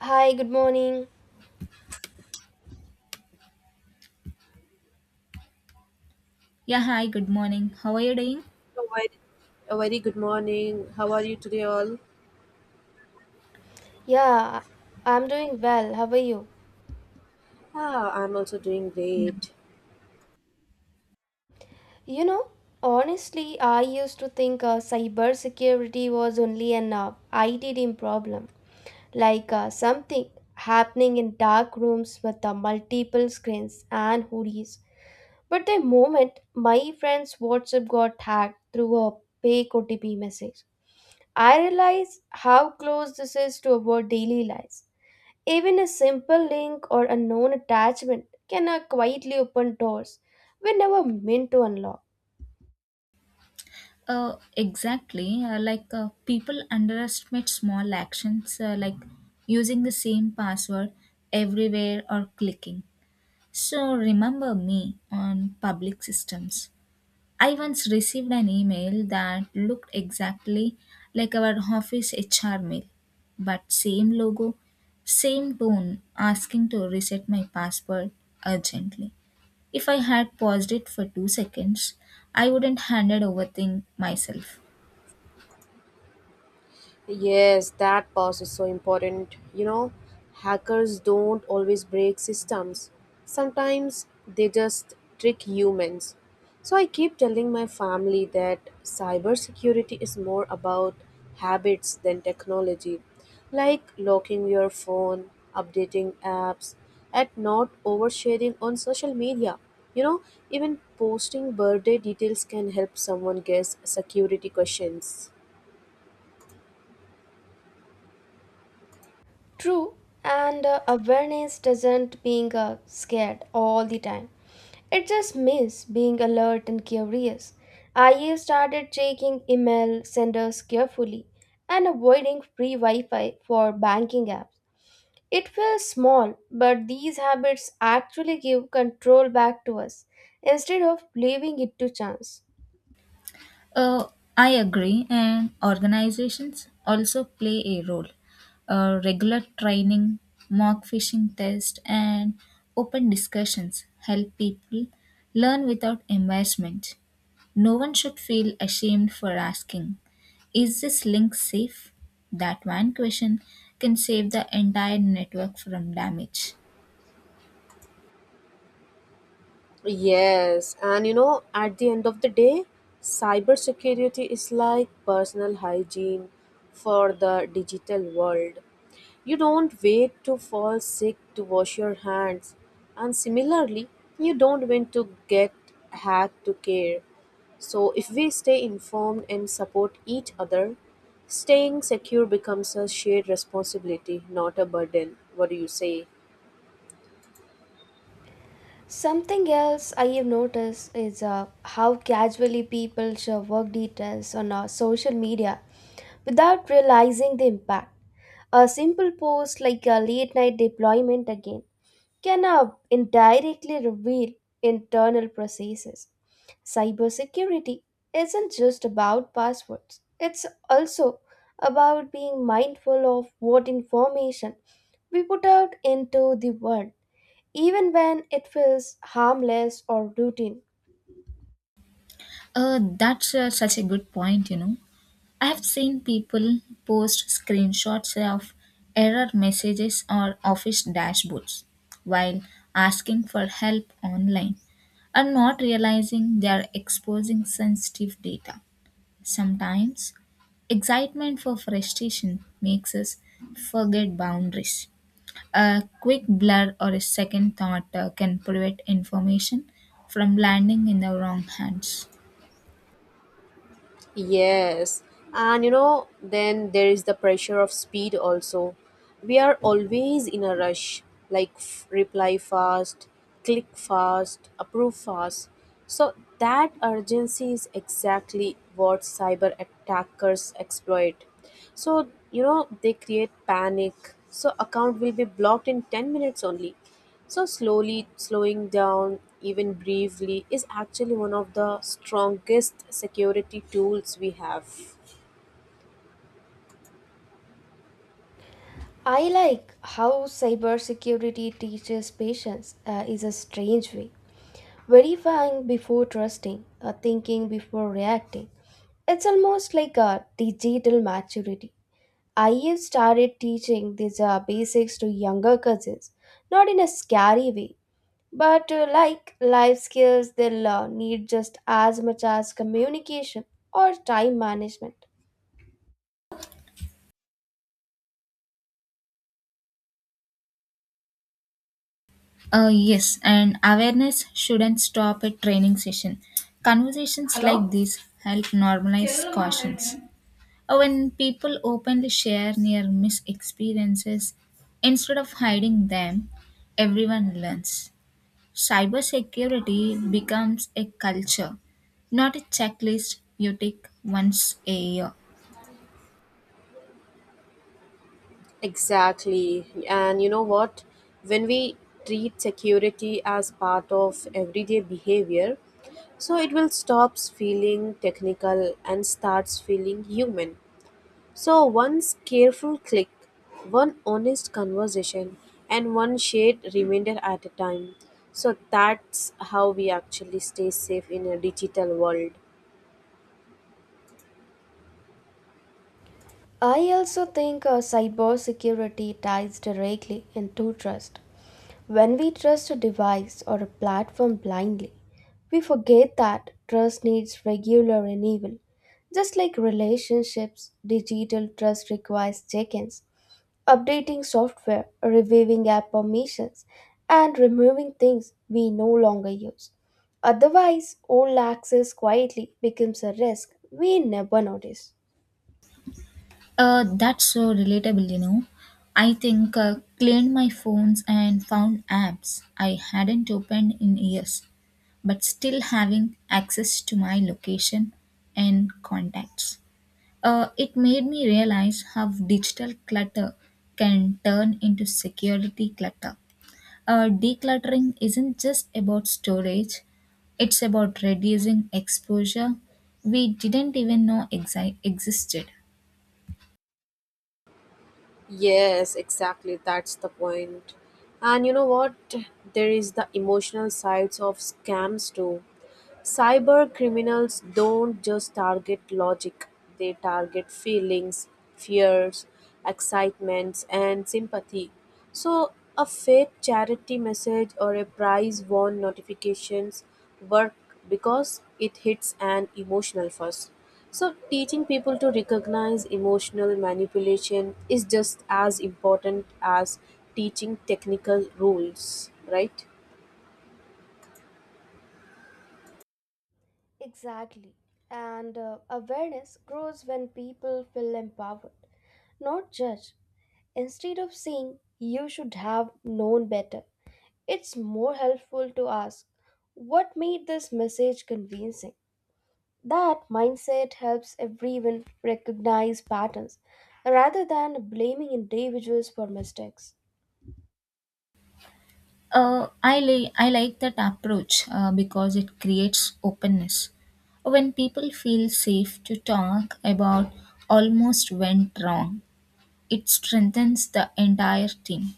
Hi, good morning. Yeah, hi, good morning. How are you doing? A very, a very good morning. How are you today, all? Yeah, I'm doing well. How are you? Ah, I'm also doing Yeah. great. You know, Honestly, I used to think cybersecurity was only an IT team problem, like something happening in dark rooms with multiple screens and hoodies. But the moment my friend's WhatsApp got hacked through a fake OTP message, I realized how close this is to our daily lives. Even a simple link or a known attachment can quietly open doors we never meant to unlock. Exactly. Like people underestimate small actions like using the same password everywhere or clicking. So remember me on public systems. I once received an email that looked exactly like our office HR mail, but same logo, same tone asking to reset my password urgently. If I had paused it for 2 seconds, I wouldn't handed over thing myself. Yes, that pause is so important. You know, hackers don't always break systems. Sometimes they just trick humans. So I keep telling my family that cybersecurity is more about habits than technology, like locking your phone, updating apps, and not oversharing on social media. You know, even posting birthday details can help someone guess security questions. True, and awareness doesn't being scared all the time. It just means being alert and curious. I started checking email senders carefully and avoiding free Wi-Fi for banking apps. It feels small, but these habits actually give control back to us instead of leaving it to chance. Uh, I agree, and organizations also play a role. Regular training, mock fishing tests, and open discussions help people learn without embarrassment. No one should feel ashamed for asking, is this link safe? That one question can save the entire network from damage. Yes, and you know, at the end of the day, cybersecurity is like personal hygiene for the digital world. You don't wait to fall sick to wash your hands, and similarly, you don't wait to get hacked to care. So, if we stay informed and support each other, staying secure becomes a shared responsibility, not a burden. What do you say? Something else I have noticed is how casually people share work details on our social media without realizing the impact. A simple post like a late night deployment again can indirectly reveal internal processes. Cybersecurity isn't just about passwords, it's also about being mindful of what information we put out into the world even when it feels harmless or routine. That's such a good point. I have seen people post screenshots of error messages or office dashboards while asking for help online and not realizing they are exposing sensitive data. Sometimes, excitement for frustration makes us forget boundaries. A quick blur or a second thought can prevent information from landing in the wrong hands. Yes, and you know, then there is the pressure of speed also. We are always in a rush, like reply fast, click fast, approve fast. So that urgency is exactly what cyber attackers exploit. So, you know, they create panic. So, account will be blocked in 10 minutes only. So, slowly slowing down, even briefly, is actually one of the strongest security tools we have. I like how cybersecurity teaches patience is a strange way. Verifying before trusting, thinking before reacting. It's almost like a digital maturity. I have started teaching these basics to younger cousins, not in a scary way, but like life skills they'll need just as much as communication or time management. Yes, and awareness shouldn't stop at training session. Conversations hello? Like these help normalize hello, cautions. Ma'am. When people openly share near miss experiences instead of hiding them, everyone learns. Cybersecurity becomes a culture, not a checklist you tick once a year. Exactly. And you know what? When we treat security as part of everyday behavior, so it will stops feeling technical and starts feeling human. So one careful click, one honest conversation, and one shared reminder at a time. So that's how we actually stay safe in a digital world. I also think cybersecurity ties directly into trust. When we trust a device or a platform blindly, we forget that trust needs regular renewal. Just like relationships, digital trust requires check ins, updating software, reviewing app permissions, and removing things we no longer use. Otherwise, old access quietly becomes a risk we never notice. That's so relatable. I think cleaned my phones and found apps I hadn't opened in years, but still having access to my location and contacts. It made me realize how digital clutter can turn into security clutter. Decluttering isn't just about storage, it's about reducing exposure we didn't even know existed. Yes, exactly. That's the point. And you know what? There is the emotional sides of scams too. Cyber criminals don't just target logic, they target feelings, fears, excitements, and sympathy. So, a fake charity message or a prize warn notifications work because it hits an emotional first. So, teaching people to recognize emotional manipulation is just as important as teaching technical rules, right? Exactly. And awareness grows when people feel empowered, not judged. Instead of saying, you should have known better, it's more helpful to ask, what made this message convincing? That mindset helps everyone recognize patterns rather than blaming individuals for mistakes. I like that approach because it creates openness. When people feel safe to talk about almost went wrong, it strengthens the entire team.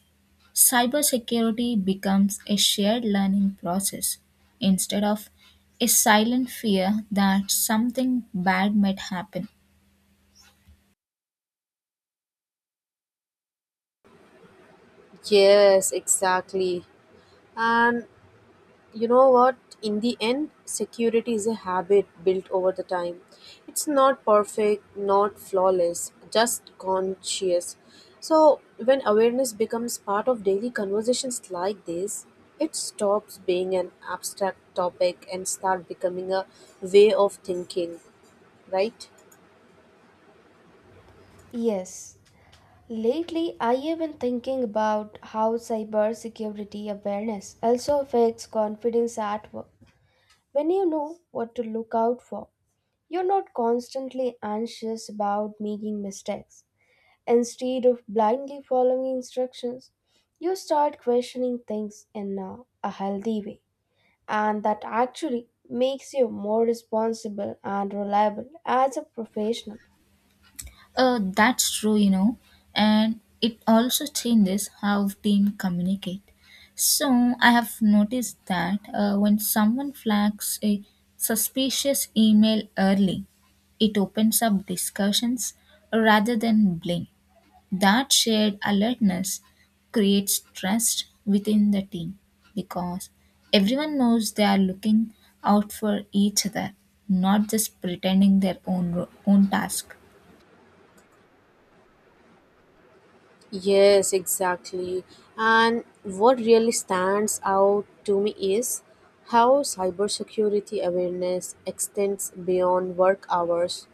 Cybersecurity becomes a shared learning process instead of a silent fear that something bad might happen. Yes, exactly. And you know what, in the end, security is a habit built over the time. It's not perfect, not flawless, just conscious. So when awareness becomes part of daily conversations like this, it stops being an abstract topic and start becoming a way of thinking, right? Yes, lately I have been thinking about how cybersecurity awareness also affects confidence at work. When you know what to look out for, you're not constantly anxious about making mistakes. Instead of blindly following instructions, you start questioning things in a healthy way. And that actually makes you more responsible and reliable as a professional. That's true, and it also changes how team communicate. So I have noticed that when someone flags a suspicious email early, it opens up discussions rather than blame. That shared alertness creates trust within the team because everyone knows they are looking out for each other, not just pretending their own task. Yes, exactly. And what really stands out to me is how cybersecurity awareness extends beyond work hours.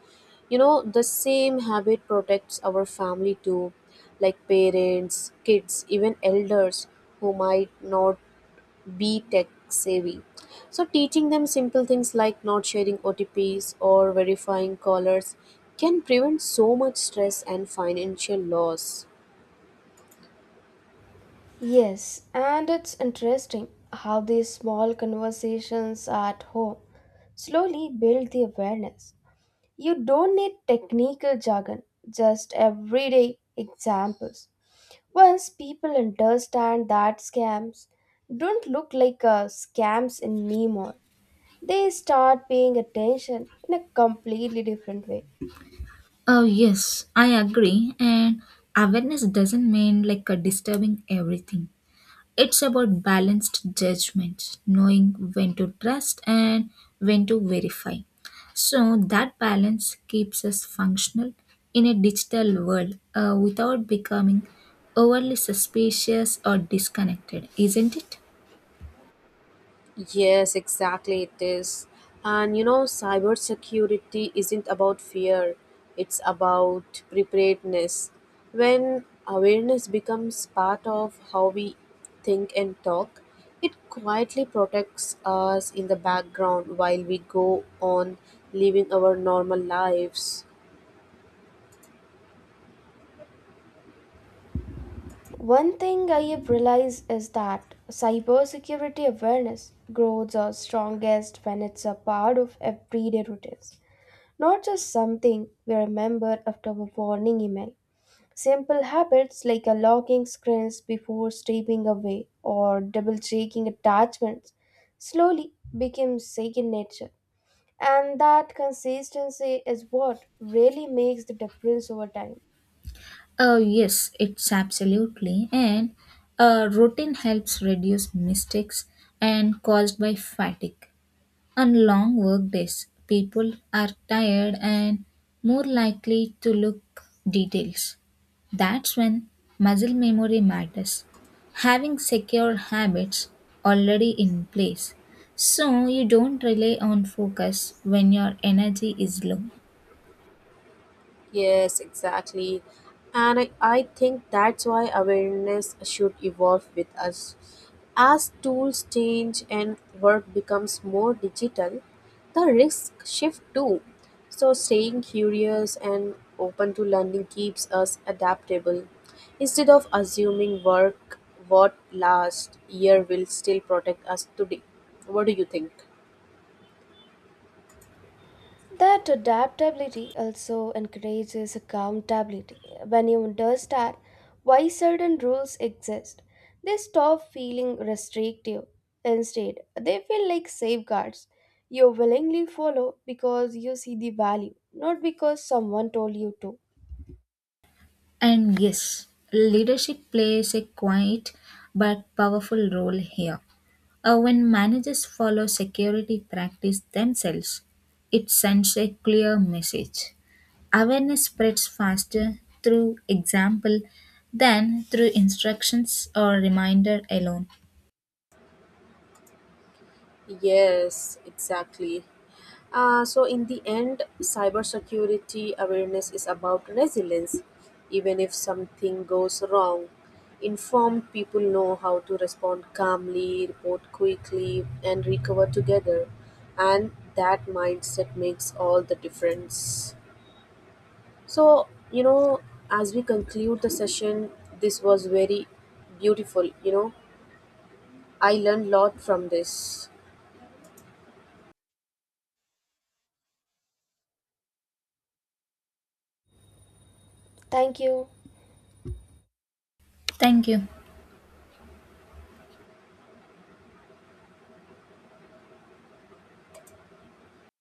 You know, the same habit protects our family too, like parents, kids, even elders who might not be tech savvy. So, teaching them simple things like not sharing OTPs or verifying callers can prevent so much stress and financial loss. Yes, and it's interesting how these small conversations at home slowly build the awareness. You don't need technical jargon, just everyday examples. Once people understand that scams don't look like scams anymore, they start paying attention in a completely different way. Oh, yes, I agree. And awareness doesn't mean like a disturbing everything. It's about balanced judgment, knowing when to trust and when to verify. So that balance keeps us functional in a digital world without becoming overly suspicious or disconnected, isn't it? Yes, exactly it is. And you know, cybersecurity isn't about fear, it's about preparedness. When awareness becomes part of how we think and talk, it quietly protects us in the background while we go on living our normal lives. One thing I have realized is that cybersecurity awareness grows are strongest when it's a part of everyday routines, not just something we remember after a warning email. Simple habits like unlocking screens before stepping away or double checking attachments slowly became second nature. And that consistency is what really makes the difference over time. Oh, yes, it's absolutely. And routine helps reduce mistakes and caused by fatigue. On long work days, people are tired and more likely to look details. That's when muscle memory matters. Having secure habits already in place. So you don't rely on focus when your energy is low. Yes, exactly. And I think that's why awareness should evolve with us. As tools change and work becomes more digital, the risks shift too. So, staying curious and open to learning keeps us adaptable. Instead of assuming work what last year will still protect us today. What do you think? That adaptability also encourages accountability. When you understand why certain rules exist, they stop feeling restrictive. Instead, they feel like safeguards you willingly follow because you see the value, not because someone told you to. And yes, leadership plays a quiet but powerful role here. When managers follow security practice themselves, it sends a clear message. Awareness spreads faster through example than through instructions or reminder alone. Yes, exactly. So, in the end, cybersecurity awareness is about resilience. Even if something goes wrong, informed people know how to respond calmly, report quickly, and recover together. And that mindset makes all the difference. So, you know, as we conclude the session, this was very beautiful. You know, I learned a lot from this. Thank you. Thank you.